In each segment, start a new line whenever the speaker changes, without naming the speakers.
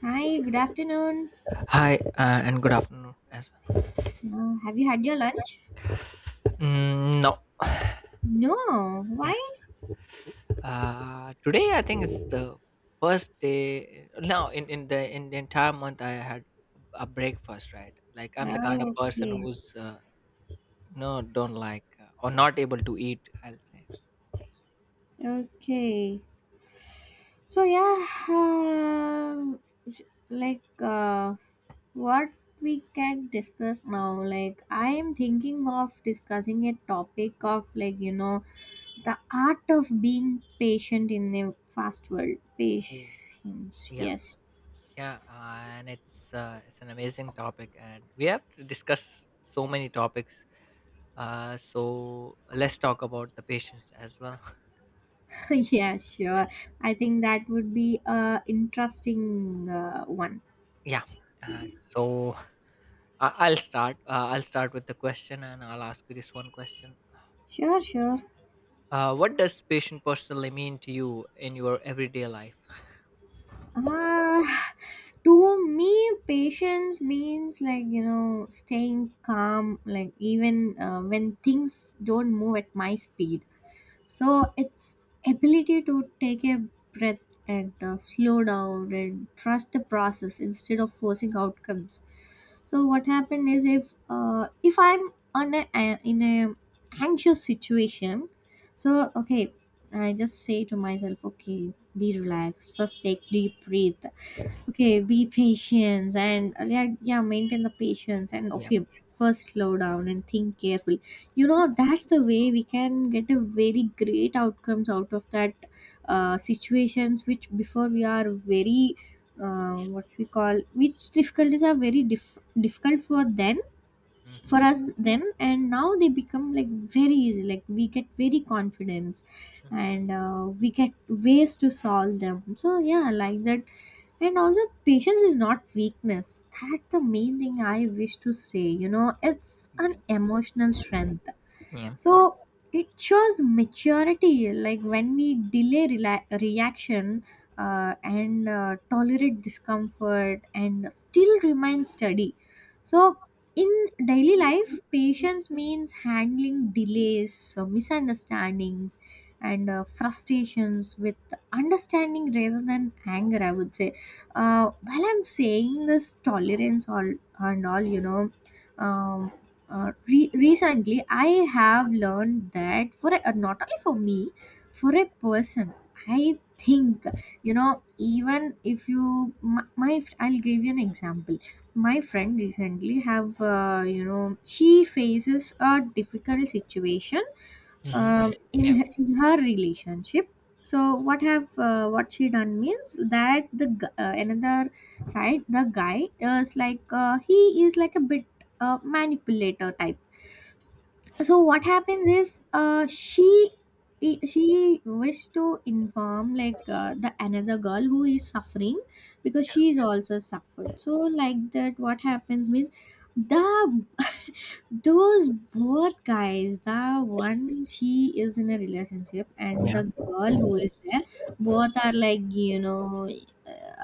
Hi, good afternoon.
And good afternoon as well.
Have you had your lunch?
No,
No.
yeah.
Why?
Today I think it's the first day. No, in the entire month I had a breakfast, right? Like I'm the kind of person
Okay.
who's no, don't like or not able to eat, I'll say.
Okay. So yeah, like uh, what we can discuss now. Like I am thinking of discussing a topic of like, the art of being patient in a fast world.
Mm,
Patience.
Yeah,
Yes.
yeah, and it's an amazing topic, and we have to discuss so many topics. So let's talk about the patients as well. And
Yeah, sure. I think that would be a interesting one.
yeah, so I'll start. I'll start with the question, and I'll ask you this one question.
Sure, sure.
What does patient personally mean to you in your everyday life?
Ah, to me, patience means like, staying calm, like even when things don't move at my speed. So it's ability to take a breath and slow down and trust the process instead of forcing outcomes. So what happened is if I'm on a, in a anxious situation, so okay, I just say to myself, okay, be relaxed, first take deep breath, okay be patient and maintain the patience and
Yeah.
okay, first slow down and think carefully. You know, that's the way we can get a very great outcomes out of that situations which before we are very what we call, which difficulties are very difficult for them, for us
Mm-hmm.
them, and now they become like very easy, like we get very confidence
Mm-hmm.
and we get ways to solve them. So yeah, like that. And also, patience is not weakness. That's the main thing I wish to say. You know, it's an
Yeah.
emotional strength,
Yeah.
so it shows maturity, like when we delay reaction and tolerate discomfort and still remain steady. So in daily life patience means handling delays, misunderstandings and frustrations with understanding rather than anger, I would say. While I'm saying this tolerance all and all, you know, um, recently, I have learned that for a, not only for me, for a person, I think, you know, even if you I'll give you an example. My friend recently have you know, she faces a difficult situation
Mm-hmm. Yeah.
in her relationship. So what have what she done means that another side, the guy is like he is like a bit manipulator type. So what happens is she wished to inform like the another girl who is suffering because she is also suffered. So like that, what happens means the those both guys, the one she is in a relationship and
Yeah.
the girl who is there, both are like you know.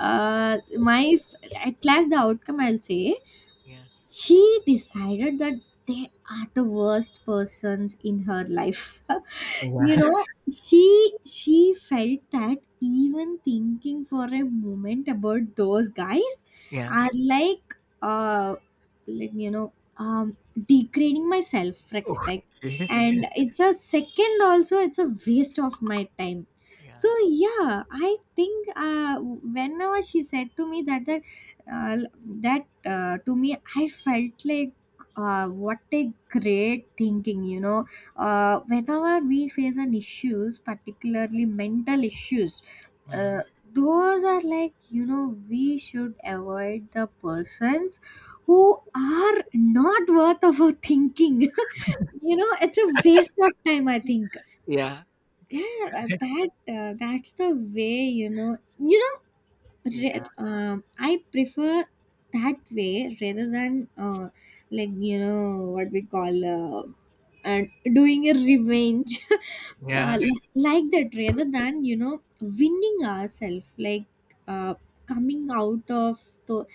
My, at last the outcome I'll say,
Yeah.
she decided that they are the worst persons in her life. You
Yeah.
know, she felt that even thinking for a moment about those guys
Yeah.
are like uh like you know um degrading my self respect,
Okay.
and it's a second, also it's a waste of my time.
Yeah.
So yeah, I think whenever she said to me that uh, to me I felt like what a great thinking. You know, whenever we face an issues, particularly mental issues, uh,
Mm-hmm.
those are like you know, we should avoid the persons who are not worth of our thinking you know, it's a waste of time I think.
Yeah. Okay.
Yeah, that's the way, you know, you know,
Yeah.
I prefer that way rather than like you know, what we call, and doing a revenge
Yeah.
like that, rather than you know winning ourselves, like uh, coming out of the,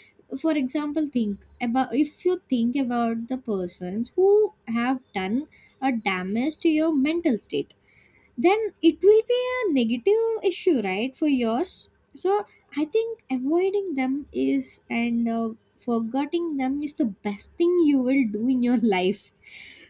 for example, think about, if you think about the persons who have done a damage to your mental state, then it will be a negative issue right for yours. So I think avoiding them is, and forgetting them is the best thing you will do in your life.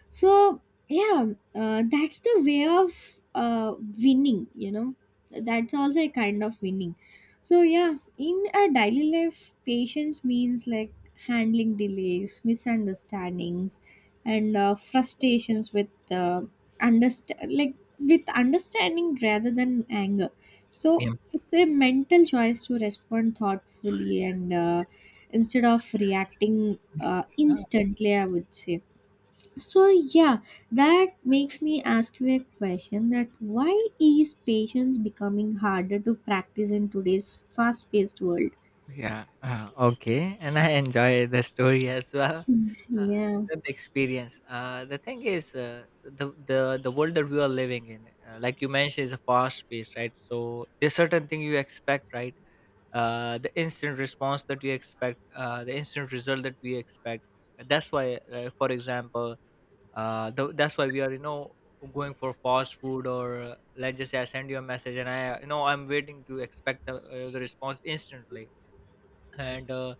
So yeah, that's the way of winning, you know. That's also a kind of winning. So yeah, in a daily life patience means like handling delays, misunderstandings and frustrations with understand like with understanding rather than anger. So
Yeah.
it's a mental choice to respond thoughtfully and instead of reacting
Uh,
instantly, I would say. So yeah, that makes me ask you a question that why is patience becoming harder to practice in today's fast-paced world?
Yeah. Okay. And I enjoy the story as well.
Mm,
Uh,
yeah,
the experience. The thing is, the world that we are living in, like you mentioned, is a fast pace, right? So there's certain thing you expect, right? The instant response that you expect, the instant result that we expect. That's why, for example, that's why we are, you know, going for fast food or let's just say I send you a message and I, you know, I'm waiting to expect the response instantly and. Uh,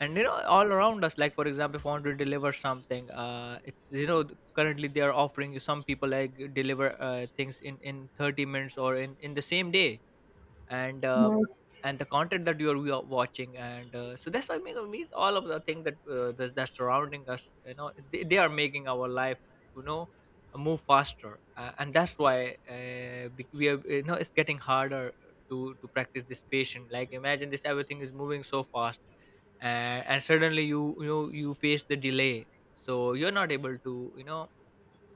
and you know all around us, like for example, if I want to deliver something, it's, you know, currently they are offering you, some people like deliver things in 30 minutes or in the same day and uh,
nice.
and the content that you're watching, and so that's why, me means all of the thing that that's surrounding us, you know, they are making our life, you know, move faster, and that's why, we are, you know, it's getting harder to practice this patient. Like, imagine this: everything is moving so fast, uh, and suddenly you, you know, you face the delay, so you're not able to, you know,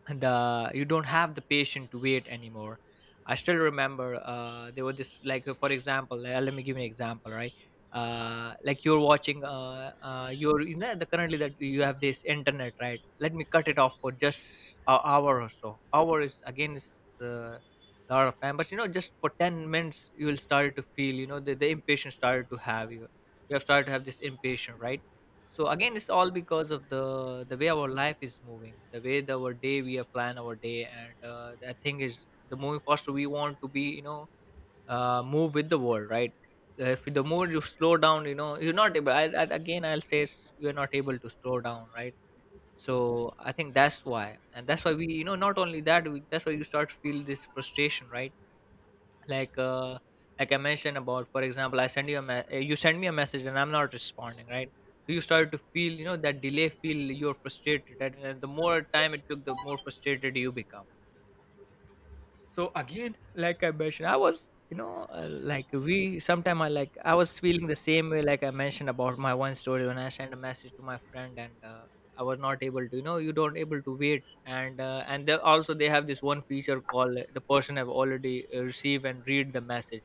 the you don't have the patience to wait anymore. I still remember, there were this, like for example, let me give you an example, right? Like you're watching, you're, you know, the currently that you have this internet, right? Let me cut it off for just an hour or so. Hour is again is a lot of time, but you know, just for 10 minutes you will start to feel, you know, the impatience started to have you, you have started to have this impatience, right? So again, it's all because of the way our life is moving, the way our day, we are plan our day, and the thing is the moving faster we want to be, you know, move with the world, right? If the more you slow down, you know, you're not able. I, again I'll say it's, you're not able to slow down, right? So I think that's why, and that's why we, you know, not only that we, that's why you start feel this frustration, right? Like like I mentioned about, for example, I send you a you send me a message and I'm not responding, right? So you started to feel, you know, that delay feel, you're frustrated, and the more time it took, the more frustrated you become. So again, like I mentioned, I was, you know, like we sometime, I was feeling the same way, like I mentioned about my one story when I sent a message to my friend, and I was not able to, you know, you don't able to wait, and they also, they have this one feature called the person have already received and read the message,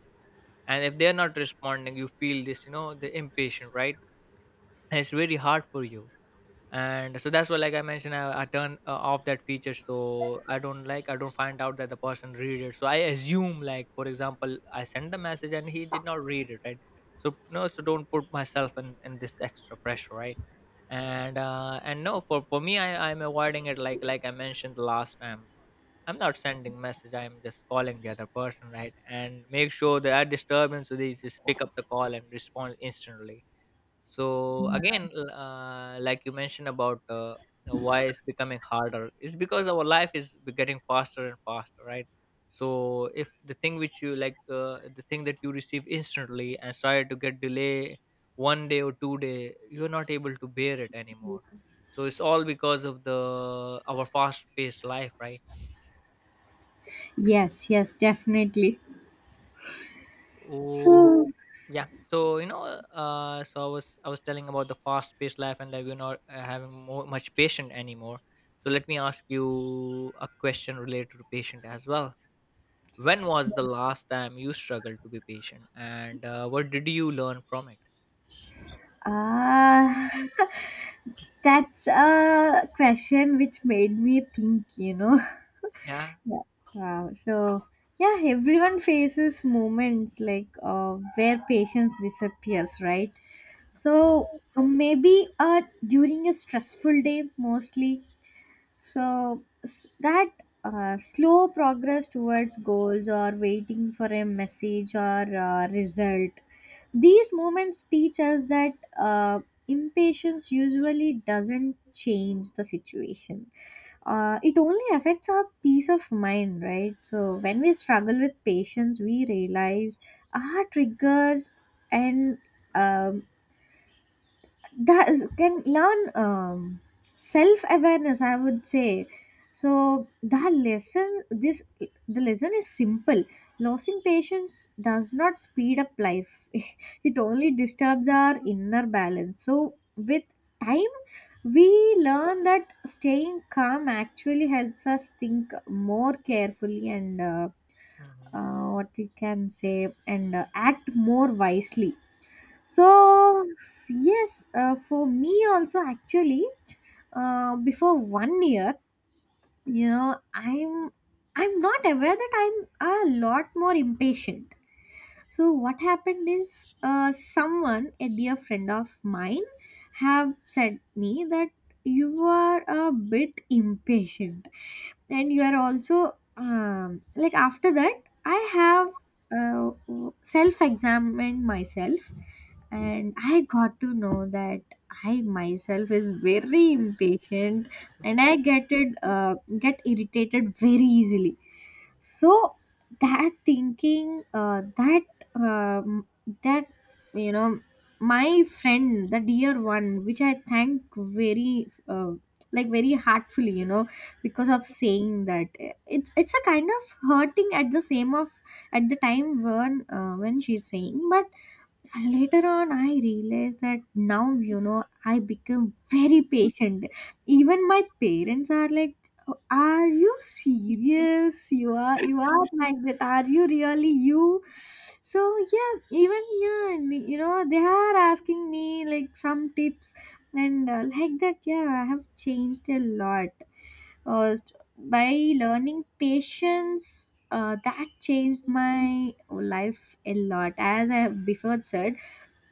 and if they're not responding, you feel this, you know, the impatient, right? And it's very hard for you. And so that's why, like I mentioned, I turn off that feature, so I don't like, I don't find out that the person read it, so I assume, like for example, I send the message and he did not read it, right? So no, so don't put myself in this extra pressure, right? And and no, for me, I'm avoiding it, like I mentioned last time, I'm not sending message, I'm just calling the other person, right? And make sure there are disturbance, so they just pick up the call and respond instantly. So again, like you mentioned about, why it's becoming harder, it's because our life is getting faster and faster, right? So if the thing which you like, the thing that you receive instantly and started to get delay 1 day or 2 day, you're not able to bear it anymore. So it's all because of the our fast paced life, right?
Yes, yes, definitely.
Oh,
So,
yeah. So you know, so I was telling about the fast-paced life, and like we're not having more much patient anymore. So let me ask you a question related to patient as well. When was the last time you struggled to be patient, and what did you learn from it?
uh, that's a question which made me think, you know.
Yeah.
Yeah. Wow. So, yeah, everyone faces moments where patience disappears, right? So, maybe during a stressful day, mostly, so s- that slow progress towards goals or waiting for a message or result, these moments teach us that impatience usually doesn't change the situation. It only affects our peace of mind, right? So when we struggle with patience, we realize our triggers and um, that is, can learn self awareness, I would say. So the lesson is simple, losing patience does not speed up life it only disturbs our inner balance. So with time we learn that staying calm actually helps us think more carefully and
Hmm.
what we can say, and act more wisely. So yes, for me also actually, before 1 year, you know, I'm not aware that I'm a lot more impatient. So what happened is someone, a dear friend of mine, have said me that you are a bit impatient, and you are also like. After that I have uh, self-examined myself and I got to know that I myself is very impatient and I get irritated very easily. So that thinking that um, that you know, my friend, the dear one, which I thank very like very heartfully, you know, because of saying that. It's a kind of hurting at the same of at the time when she's saying. But and later on, I realized that now, you know, I become very patient. Even my parents are like, "Are you serious? You are like that. Are you really you?" So yeah, even yeah, and, you know, they are asking me like some tips and like that. Yeah, I have changed a lot by learning patience. That changed my life a lot as I have before said.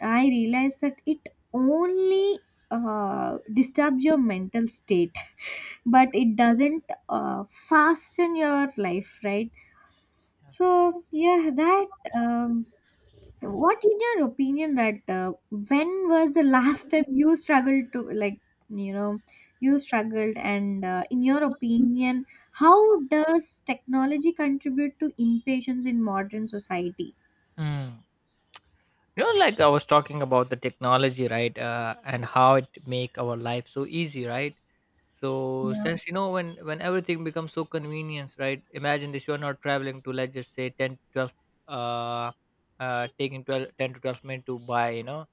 I realized that it only disturbs your mental state but it doesn't fasten your life, right?
Yeah.
So yeah, that um, what in your opinion that when was the last time you struggled to like you know you struggled and in your opinion how does technology contribute to impatience in modern society?
Mm. You know, like I was talking about the technology, right? And how it make our life so easy, right? So
Yeah.
since, you know, when everything becomes so convenient, right? Imagine this: you're not traveling to, let's just say, 10 to 12, uh, taking 12, 10 to 12 minutes to buy, you know,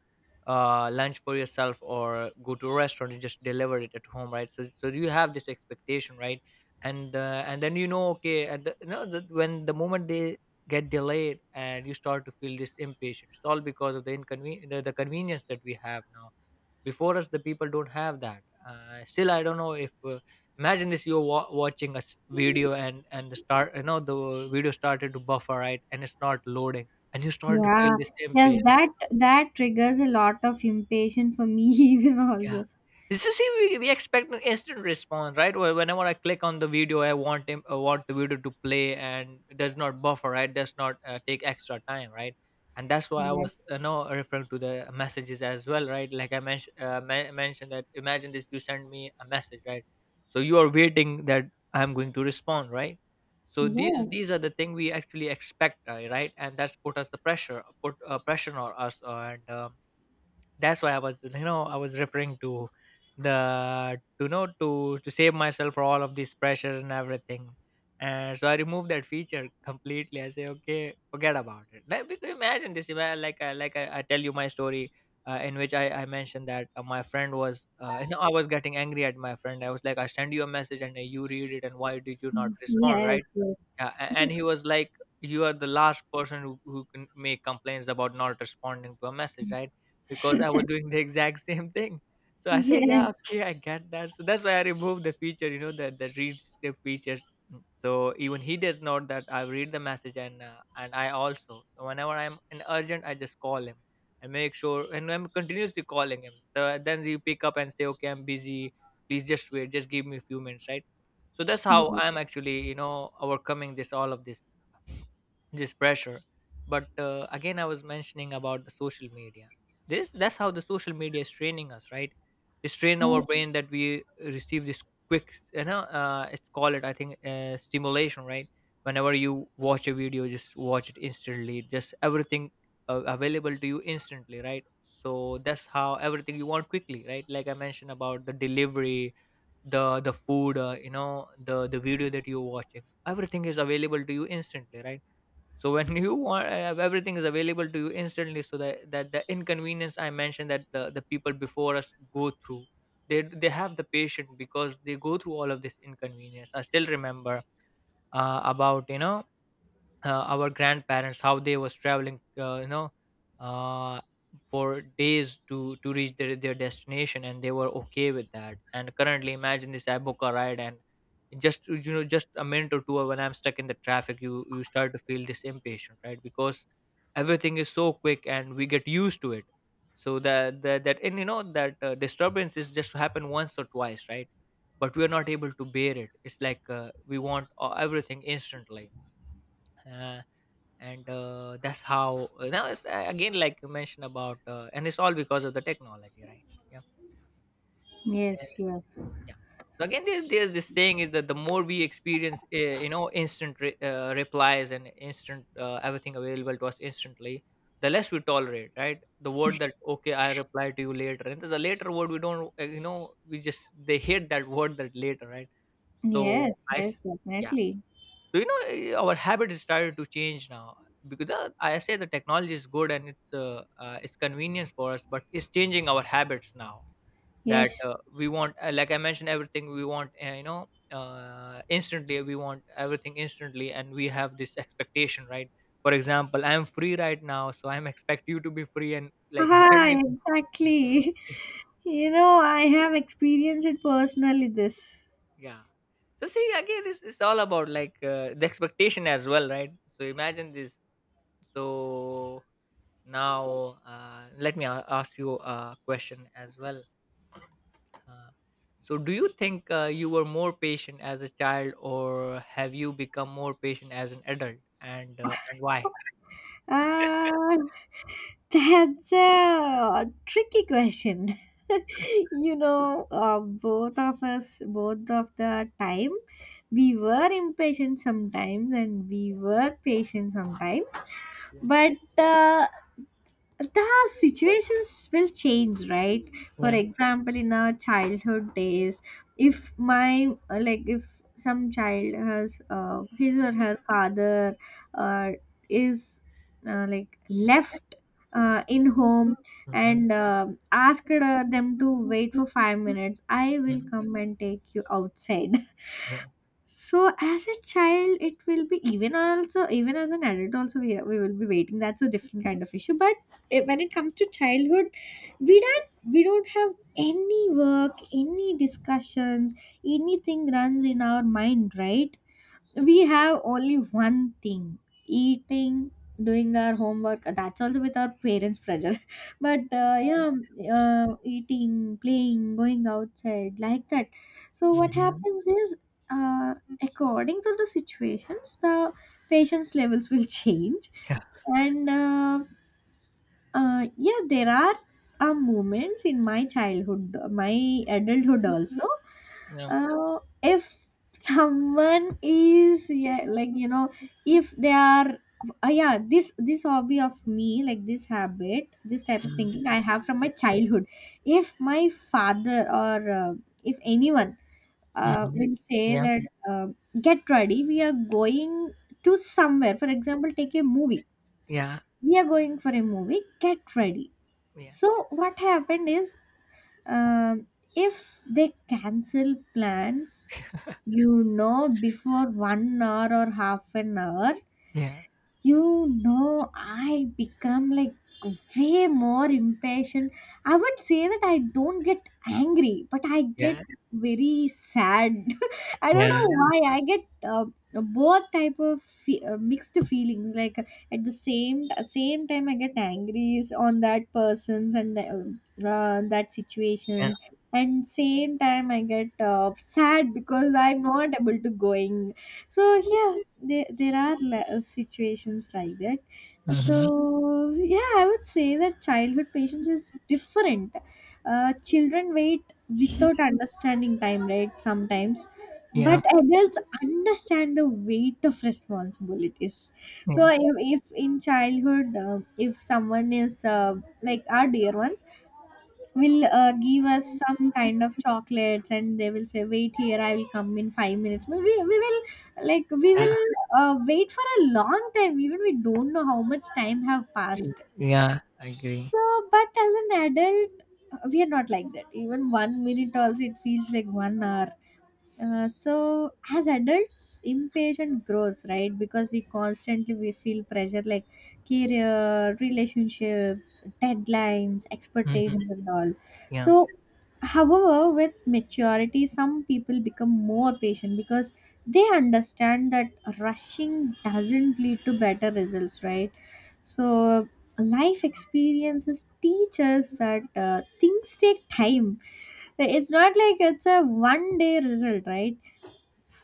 lunch for yourself, or go to a restaurant and just deliver it at home, right? So so you have this expectation, right? And and then you know, okay, you know that when the moment they get delayed and you start to feel this impatient, it's all because of the inconvenience, the convenience that we have now. Before us the people don't have that. Still, I don't know if imagine this: you're watching a video, and the start, you know, the video started to buffer, right? And it's not loading, and you started to feel
Yeah,
this
yes,
impatience.
that that triggers a lot of impatience for me even
Yeah.
also.
So see, we expect an instant response, right? Where whenever I click on the video, I want him, I want the video to play and does not buffer, right? Does not take extra time, right? And that's why I was,
Yes.
you know, referring to the messages as well, right? Like I mentioned, mentioned that, imagine this: you send me a message, right? So you are waiting that I'm going to respond, right? So these
Yes.
these are the thing we actually expect, right? And that's put us the pressure, put pressure on us, and that's why I was, you know, I was referring to the to, you know, to save myself for all of this pressure and everything. And so I removed that feature completely. I say, okay, forget about it, like, because imagine this, like I tell you my story in which I mentioned that my friend was you know, I was getting angry at my friend. I was like, I send you a message, and you read it, and why did you not respond,
Yes.
right?
Yes.
Yeah, and he was like, "You are the last person who can make complaints about not responding to a message, right?" Because I was doing the exact same thing. So I
Yes.
said, "Yeah,
Yes.
okay, I get that." So that's why I removed the feature, you know, the read script feature. Mm. So even he does not that I read the message, and I also. So whenever I'm in urgent, I just call him and make sure, and I'm continuously calling him. So then you pick up and say, "Okay, I'm busy. Please just wait. Just give me a few minutes, right?" So that's how I'm actually overcoming this all of this pressure. But again, I was mentioning about the social media. This That's how the social media is training us, right? It's train our brain that we receive this quick, it's call it, I think, stimulation, right? Whenever you watch a video, just watch it instantly, just everything available to you instantly, right? So that's how everything you want quickly, right? Like I mentioned about the delivery, the food, the video that you're watching, everything is available to you instantly, right? So when you want, everything is available to you instantly, so that the inconvenience I mentioned, that the people before us go through, they have the patience because they go through all of this inconvenience. I still remember about you know our grandparents, how they was traveling, uh, for days to reach their destination, and they were okay with that. And currently, imagine this iboka ride and just to, you know, just a minute or two, when I'm stuck in the traffic, you start to feel this impatient, right? Because everything is so quick and we get used to it. So that and you know that disturbance is just to happen once or twice, right? But we are not able to bear it. It's like, we want, everything instantly. Uh, and that's how now it's, again, like you mentioned about, and it's all because of the technology, right? Yeah.
Yes.
and-
Yes.
yeah. So again, there's this saying is that the more we experience, instant replies and instant, everything available to us instantly, the less we tolerate, right? The word that okay, I reply to you later, and the later word, we don't, we just, they hate that word, that later, right? so
Yes.
i s-
Yes.
yeah.
Definitely.
So you know, eh, our habit is started to change now, because I say the technology is good and it's convenience for us, but it's changing our habits now. That
Yes.
we want, like I mentioned, everything we want, instantly. We want everything instantly, and we have this expectation, right? For example, I'm free right now, so I'm expect you to be free and like send
Ah,
me the- yeah.
exactly. You know, I have experienced it personally. This.
Yeah. So see again, it's all about like the expectation as well, right? So imagine this. So now, let me ask you a question as well. Uh, so, do you think you were more patient as a child, or have you become more patient as an adult, and why?
Ah, that's a tricky question. You know, both of us, both of the time, we were impatient sometimes and we were patient sometimes.
Yeah.
But the situations will change, right? For
Yeah.
example, in our childhood days, if my like if some child has his or her father uh, is like left in home
Mm-hmm.
and asked them to wait for 5 minutes, I
Yeah.
will come and take you outside. So as a child, it will be, even also, even as an adult also we will be waiting. That's a different kind of issue. But it, when it comes to childhood, we don't have any work, any discussions, anything runs in our mind, right? We have only one thing: eating, doing our homework, that's also with our parents' pressure, but yeah, eating, playing, going outside, like that. So what
Mm-hmm.
happens is, uh, according to the situations, the patience levels will change.
Yeah.
And yeah, there are moments in my childhood, my adulthood also.
Yeah.
If someone is, yeah, like you know, if they are, yeah, this hobby of me, like this habit, this type of
Mm-hmm.
thinking I have from my childhood. If my father, or if anyone
Mm-hmm.
will say
Yeah.
that, uh, get ready, we are going to somewhere, for example take a movie.
Yeah.
We are going for a movie, get ready.
Yeah.
So what happened is, um, if they cancel plans, you know, before 1 hour or half an hour,
Yeah.
you know, I become like way more impatient. I would say that I don't get angry, but I get
Yeah.
very sad. I don't
Yeah.
know why I get both type of fe- mixed feelings. Like at the same time, I get angry on that person's and the, that
Yeah.
situations, and same time I get sad because I'm not able to going. So yeah, there are situations like that.
Mm-hmm.
So yeah, I would say that childhood patience is different. Children wait without understanding time, right, sometimes.
Yeah.
But adults understand the weight of responsibilities. So
Yeah.
if in childhood, if someone is, like our dear ones, will give us some kind of chocolates, and they will say wait here, I will come in 5 minutes. We will, like we
Yeah.
will wait for a long time, even we don't know how much time have passed.
Yeah. I agree.
So but as an adult we are not like that. Even 1 minute also it feels like 1 hour. So as adults, impatient grows, right? Because we constantly we feel pressure like career, relationships, deadlines,
Mm-hmm.
expectations, and all.
Yeah.
So however, with maturity some people become more patient, because they understand that rushing doesn't lead to better results, right? So life experiences teach us that things take time. So it's not like it's a one day result, right?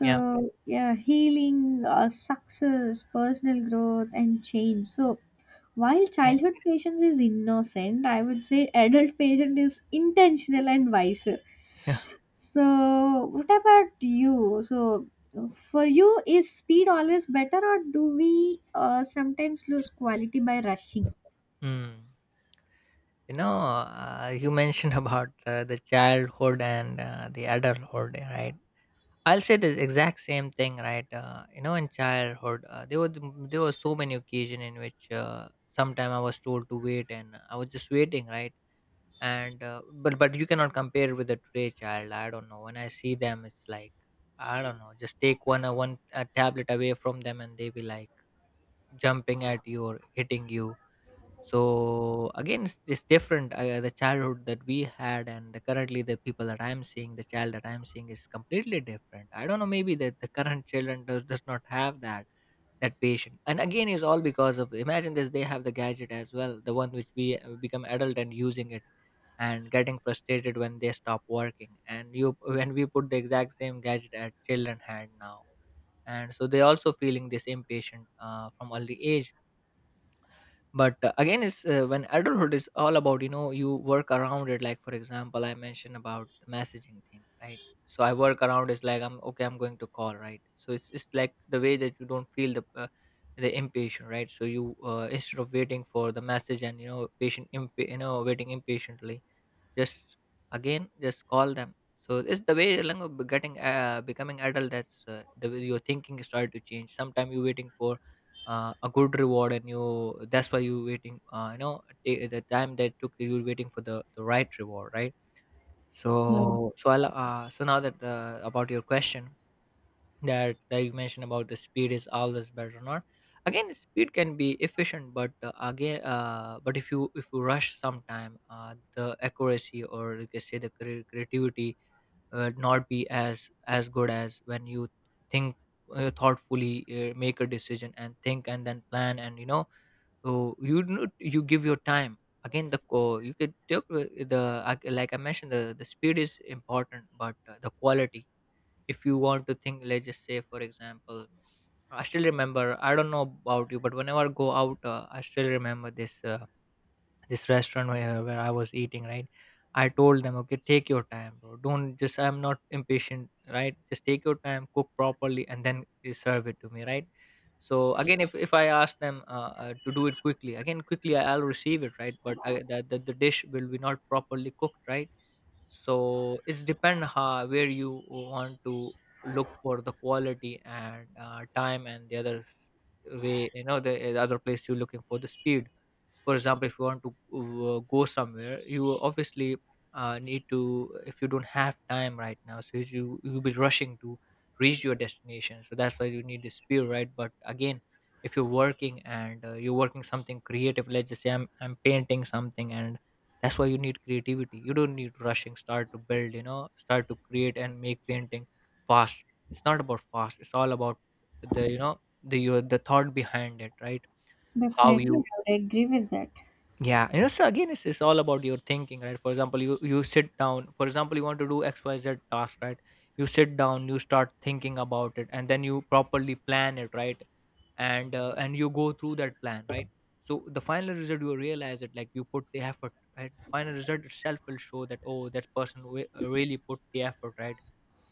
Yeah.
yeah, healing, success, personal growth, and change. So while
Yeah.
childhood patience is innocent, I would say adult patient is intentional and wiser.
Yeah.
So what about you? So for you, is speed always better, or do we sometimes lose quality by rushing?
Mm. You know, you mentioned about the childhood and the adulthood, right? I'll say the exact same thing, right? You know, in childhood, there were, there were so many occasions in which sometime I was told to wait, and I was just waiting, right? And but you cannot compare with the today child. I don't know. When I see them, it's like I don't know. Just take one tablet away from them, and they be like jumping at you or hitting you. So again, it's different, the childhood that we had and the, currently the people that I'm seeing, the child that I'm seeing, is completely different. I don't know, maybe that the current children does not have that, that patient. And again, is all because of, imagine this, they have the gadget as well, the one which we become adult and using it and getting frustrated when they stop working. And you when we put the exact same gadget at children hand now, and so they also feeling this impatient from early age. But again, it's when adulthood is all about, you know, you work around it. Like for example, I mentioned about the messaging thing, right? So I work around is like I'm okay, I'm going to call, right? So it's just like the way that you don't feel the impatient, right? So you instead of waiting for the message and, you know, patient you know, waiting impatiently, just again, just call them. So it's the way along of getting becoming adult. That's the way your thinking start to change. Sometimes you're waiting for a good reward, and you that's why you waiting. You know, the time that took you waiting for the right reward, right?
No.
So so I'll, so now that about your question, that that you mentioned about the speed is always better not. Again, speed can be efficient, but again, but if you, if you rush sometime, the accuracy, or you can say the creativity, will not be as good as when you think thoughtfully, make a decision and think and then plan, and you know. So you give your time. Again, the you could take the like I mentioned, the speed is important, but the quality, if you want to think, let's just say for example, I still remember, I don't know about you, but whenever I go out, I still remember this this restaurant where I was eating, right? I told them, okay, take your time, bro, don't just, I'm not impatient, right? Just take your time, cook properly, and then you serve it to me, right? So again, if I ask them, to do it quickly, again quickly, I'll receive it, right? But the dish will be not properly cooked, right? So it's depend how, where you want to look for the quality and time, and the other way, you know, the other place you're looking for the speed. For example, if you want to go somewhere, you obviously need to, if you don't have time right now, so you'll be rushing to reach your destination, so that's why you need the spear, right? But again, if you're working and you're working something creative, let's just say I'm painting something, and that's why you need creativity, you don't need rushing, start to build, you know, start to create and make painting fast. It's not about fast, it's all about the, you know, the your the thought behind it, right? How
Definitely,
you,
I would agree with that.
yeah, you know, so again, it's all about your thinking, right? For example, you sit down. For example, you want to do X Y Z task, right? You sit down, you start thinking about it, and then you properly plan it, right? And you go through that plan, right? So the final result, you realize it, like you put the effort, right? The final result itself will show that, oh, that person really put the effort, right?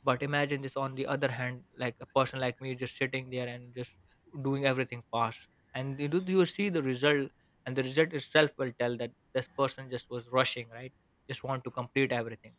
But imagine this, on the other hand, like a person like me just sitting there and just doing everything fast, and you, you see the result, and the result itself will tell that this person just was rushing, right? Just want to complete everything.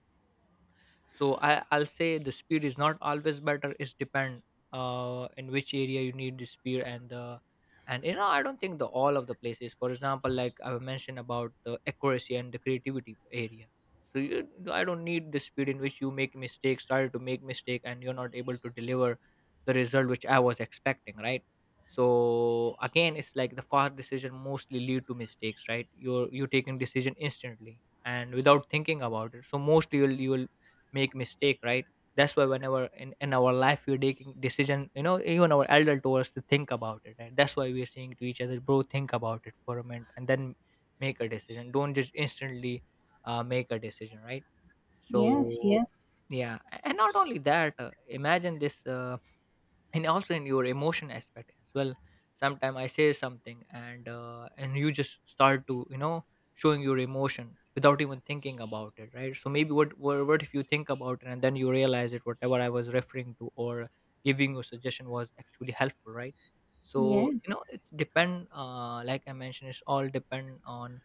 So I'll say the speed is not always better, it's depend in which area you need the speed. And the, and you know, I don't think the all of the places, for example, like I mentioned about the accuracy and the creativity area. So I don't need the speed in which you make mistakes, started to make mistake, and you're not able to deliver the result which I was expecting, right? So again, it's like the fast decision mostly lead to mistakes, right? You're taking decision instantly and without thinking about it, so mostly you'll make mistake, right? That's why whenever in our life we're taking decision, you know, even our elder towards to think about it, right? That's why we're saying to each other, bro, think about it for a minute, and then make a decision, don't just instantly make a decision, right?
Yes,
So
yes,
yeah, and not only that, imagine this, and also in your emotion aspect as well, sometimes I say something, and you just start to, you know, showing your emotion without even thinking about it, right? So maybe what if you think about it, and then you realize it, whatever I was referring to or giving you suggestion was actually helpful, right? So you know,
yes.
it's depend, like I mentioned, it's all depend on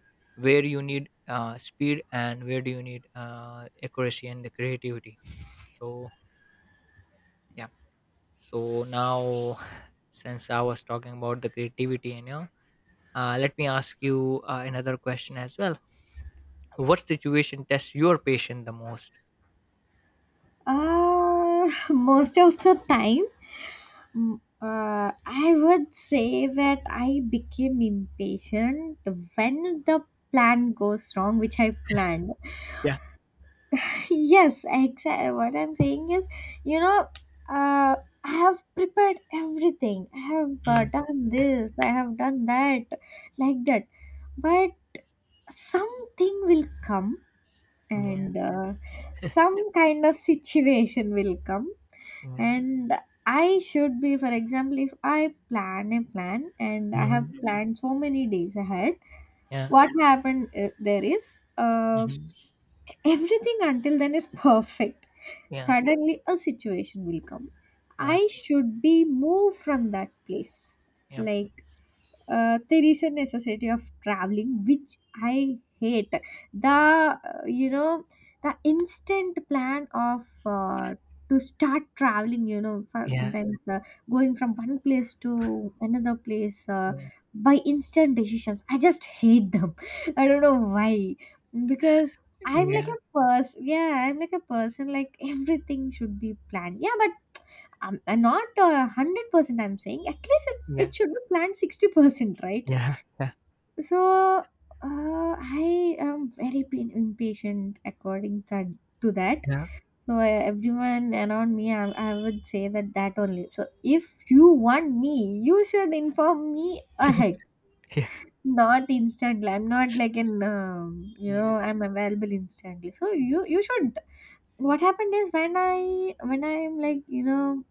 where you need speed, and where do you need accuracy and the creativity. So yeah. So now, since I was talking about the creativity, you know, let me ask you another question as well. What situation tests your patience the most?
Most of the time, mm, I would say that I became impatient when the plan goes wrong, which I planned.
Yeah.
Yes, exactly. What I'm saying is, you know, uh, I have prepared everything. I have
Mm,
done this, I have done that, like that. But something will come,
yeah,
and some kind of situation will come.
yeah,
And I should, be for example, if I plan a plan and I have
mhm,
planned so many days ahead,
yeah,
what happened there is,
mhm,
everything until then is perfect.
yeah,
Suddenly a situation will come,
yeah,
I should be moved from that place,
yeah,
like, there is a necessity of traveling, which I hate, the you know, the instant plan of, to start traveling, you know, for
yeah,
sometimes going from one place to another place,
yeah,
by instant decisions. I just hate them. I don't know why, because I'm like
yeah,
a person, yeah, I'm like a person, like everything should be planned. Yeah, but I'm not 100%, I'm saying at least it's
yeah,
it should be planned 60%, right?
yeah, yeah,
So I am very impatient according to that. So everyone around me, I would say that, that only. So if you want me, you should inform me ahead,
yeah, yeah,
not instantly. I'm not like an you
yeah,
know, I'm available instantly, so you should. What happened is when I, when I'm like, you know,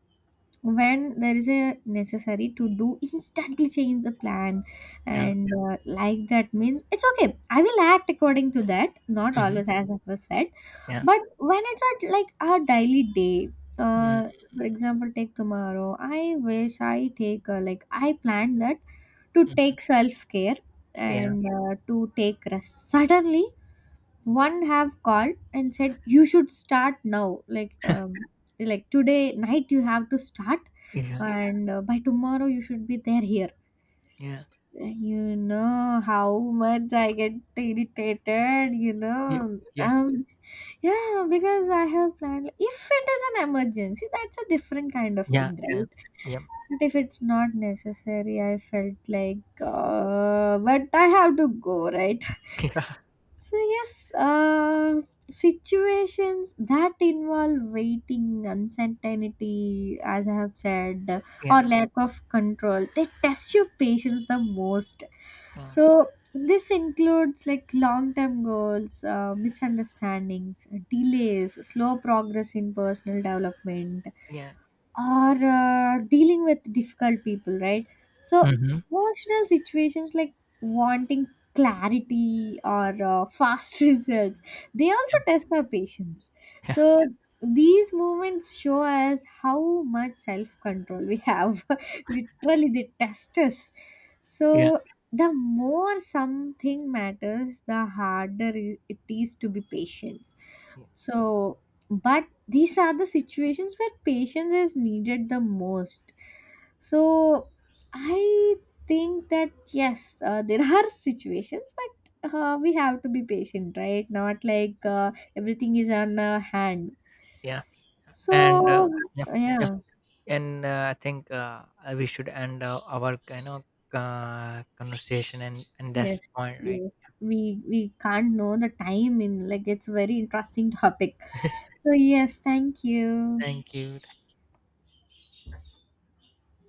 when there is a necessary to do, instantly change the plan
yeah,
and like that, means it's okay, I will act according to that, not
mhm,
always as I was said.
yeah,
But when it's at like our daily day,
mm,
uh, for example take tomorrow, I wish I take like I planned that to
mhm,
take self care
yeah,
and to take rest. Suddenly one have called and said you should start now, like um, like today night you have to start,
yeah,
and by tomorrow you should be there, here.
yeah,
You know how much I get irritated, you
yeah,
know,
yeah,
um, yeah, because I have planned. If it is an emergency, that's a different kind of thing, right?
yeah, yeah, yeah,
But if it's not necessary, I felt like, but I have to go, right? So yes, situations that involve waiting, uncertainty, as I have said,
yeah,
or
yeah,
lack of control, they test your patience the most.
yeah,
So this includes like long-term goals, misunderstandings, delays, slow progress in personal development,
yeah,
or dealing with difficult people, right? So
mhm,
emotional situations like wanting clarity, or fast results, they also
yeah,
test our patience.
yeah,
So these moments show us how much self control we have. Literally, they test us.
yeah.
So the more something matters, the harder it is to be patient. So but these are the situations where patience is needed the most. So I think that yes, there are situations, but we have to be patient, right? Not like everything is on our hand.
Yeah, and
So
yeah, yeah.
yeah.
And I think we should end our, you know, conversation, and that's
Yes,
point, right?
yes, we can't know the time in, like, it's a very interesting topic. So yes, thank you.
Thank you.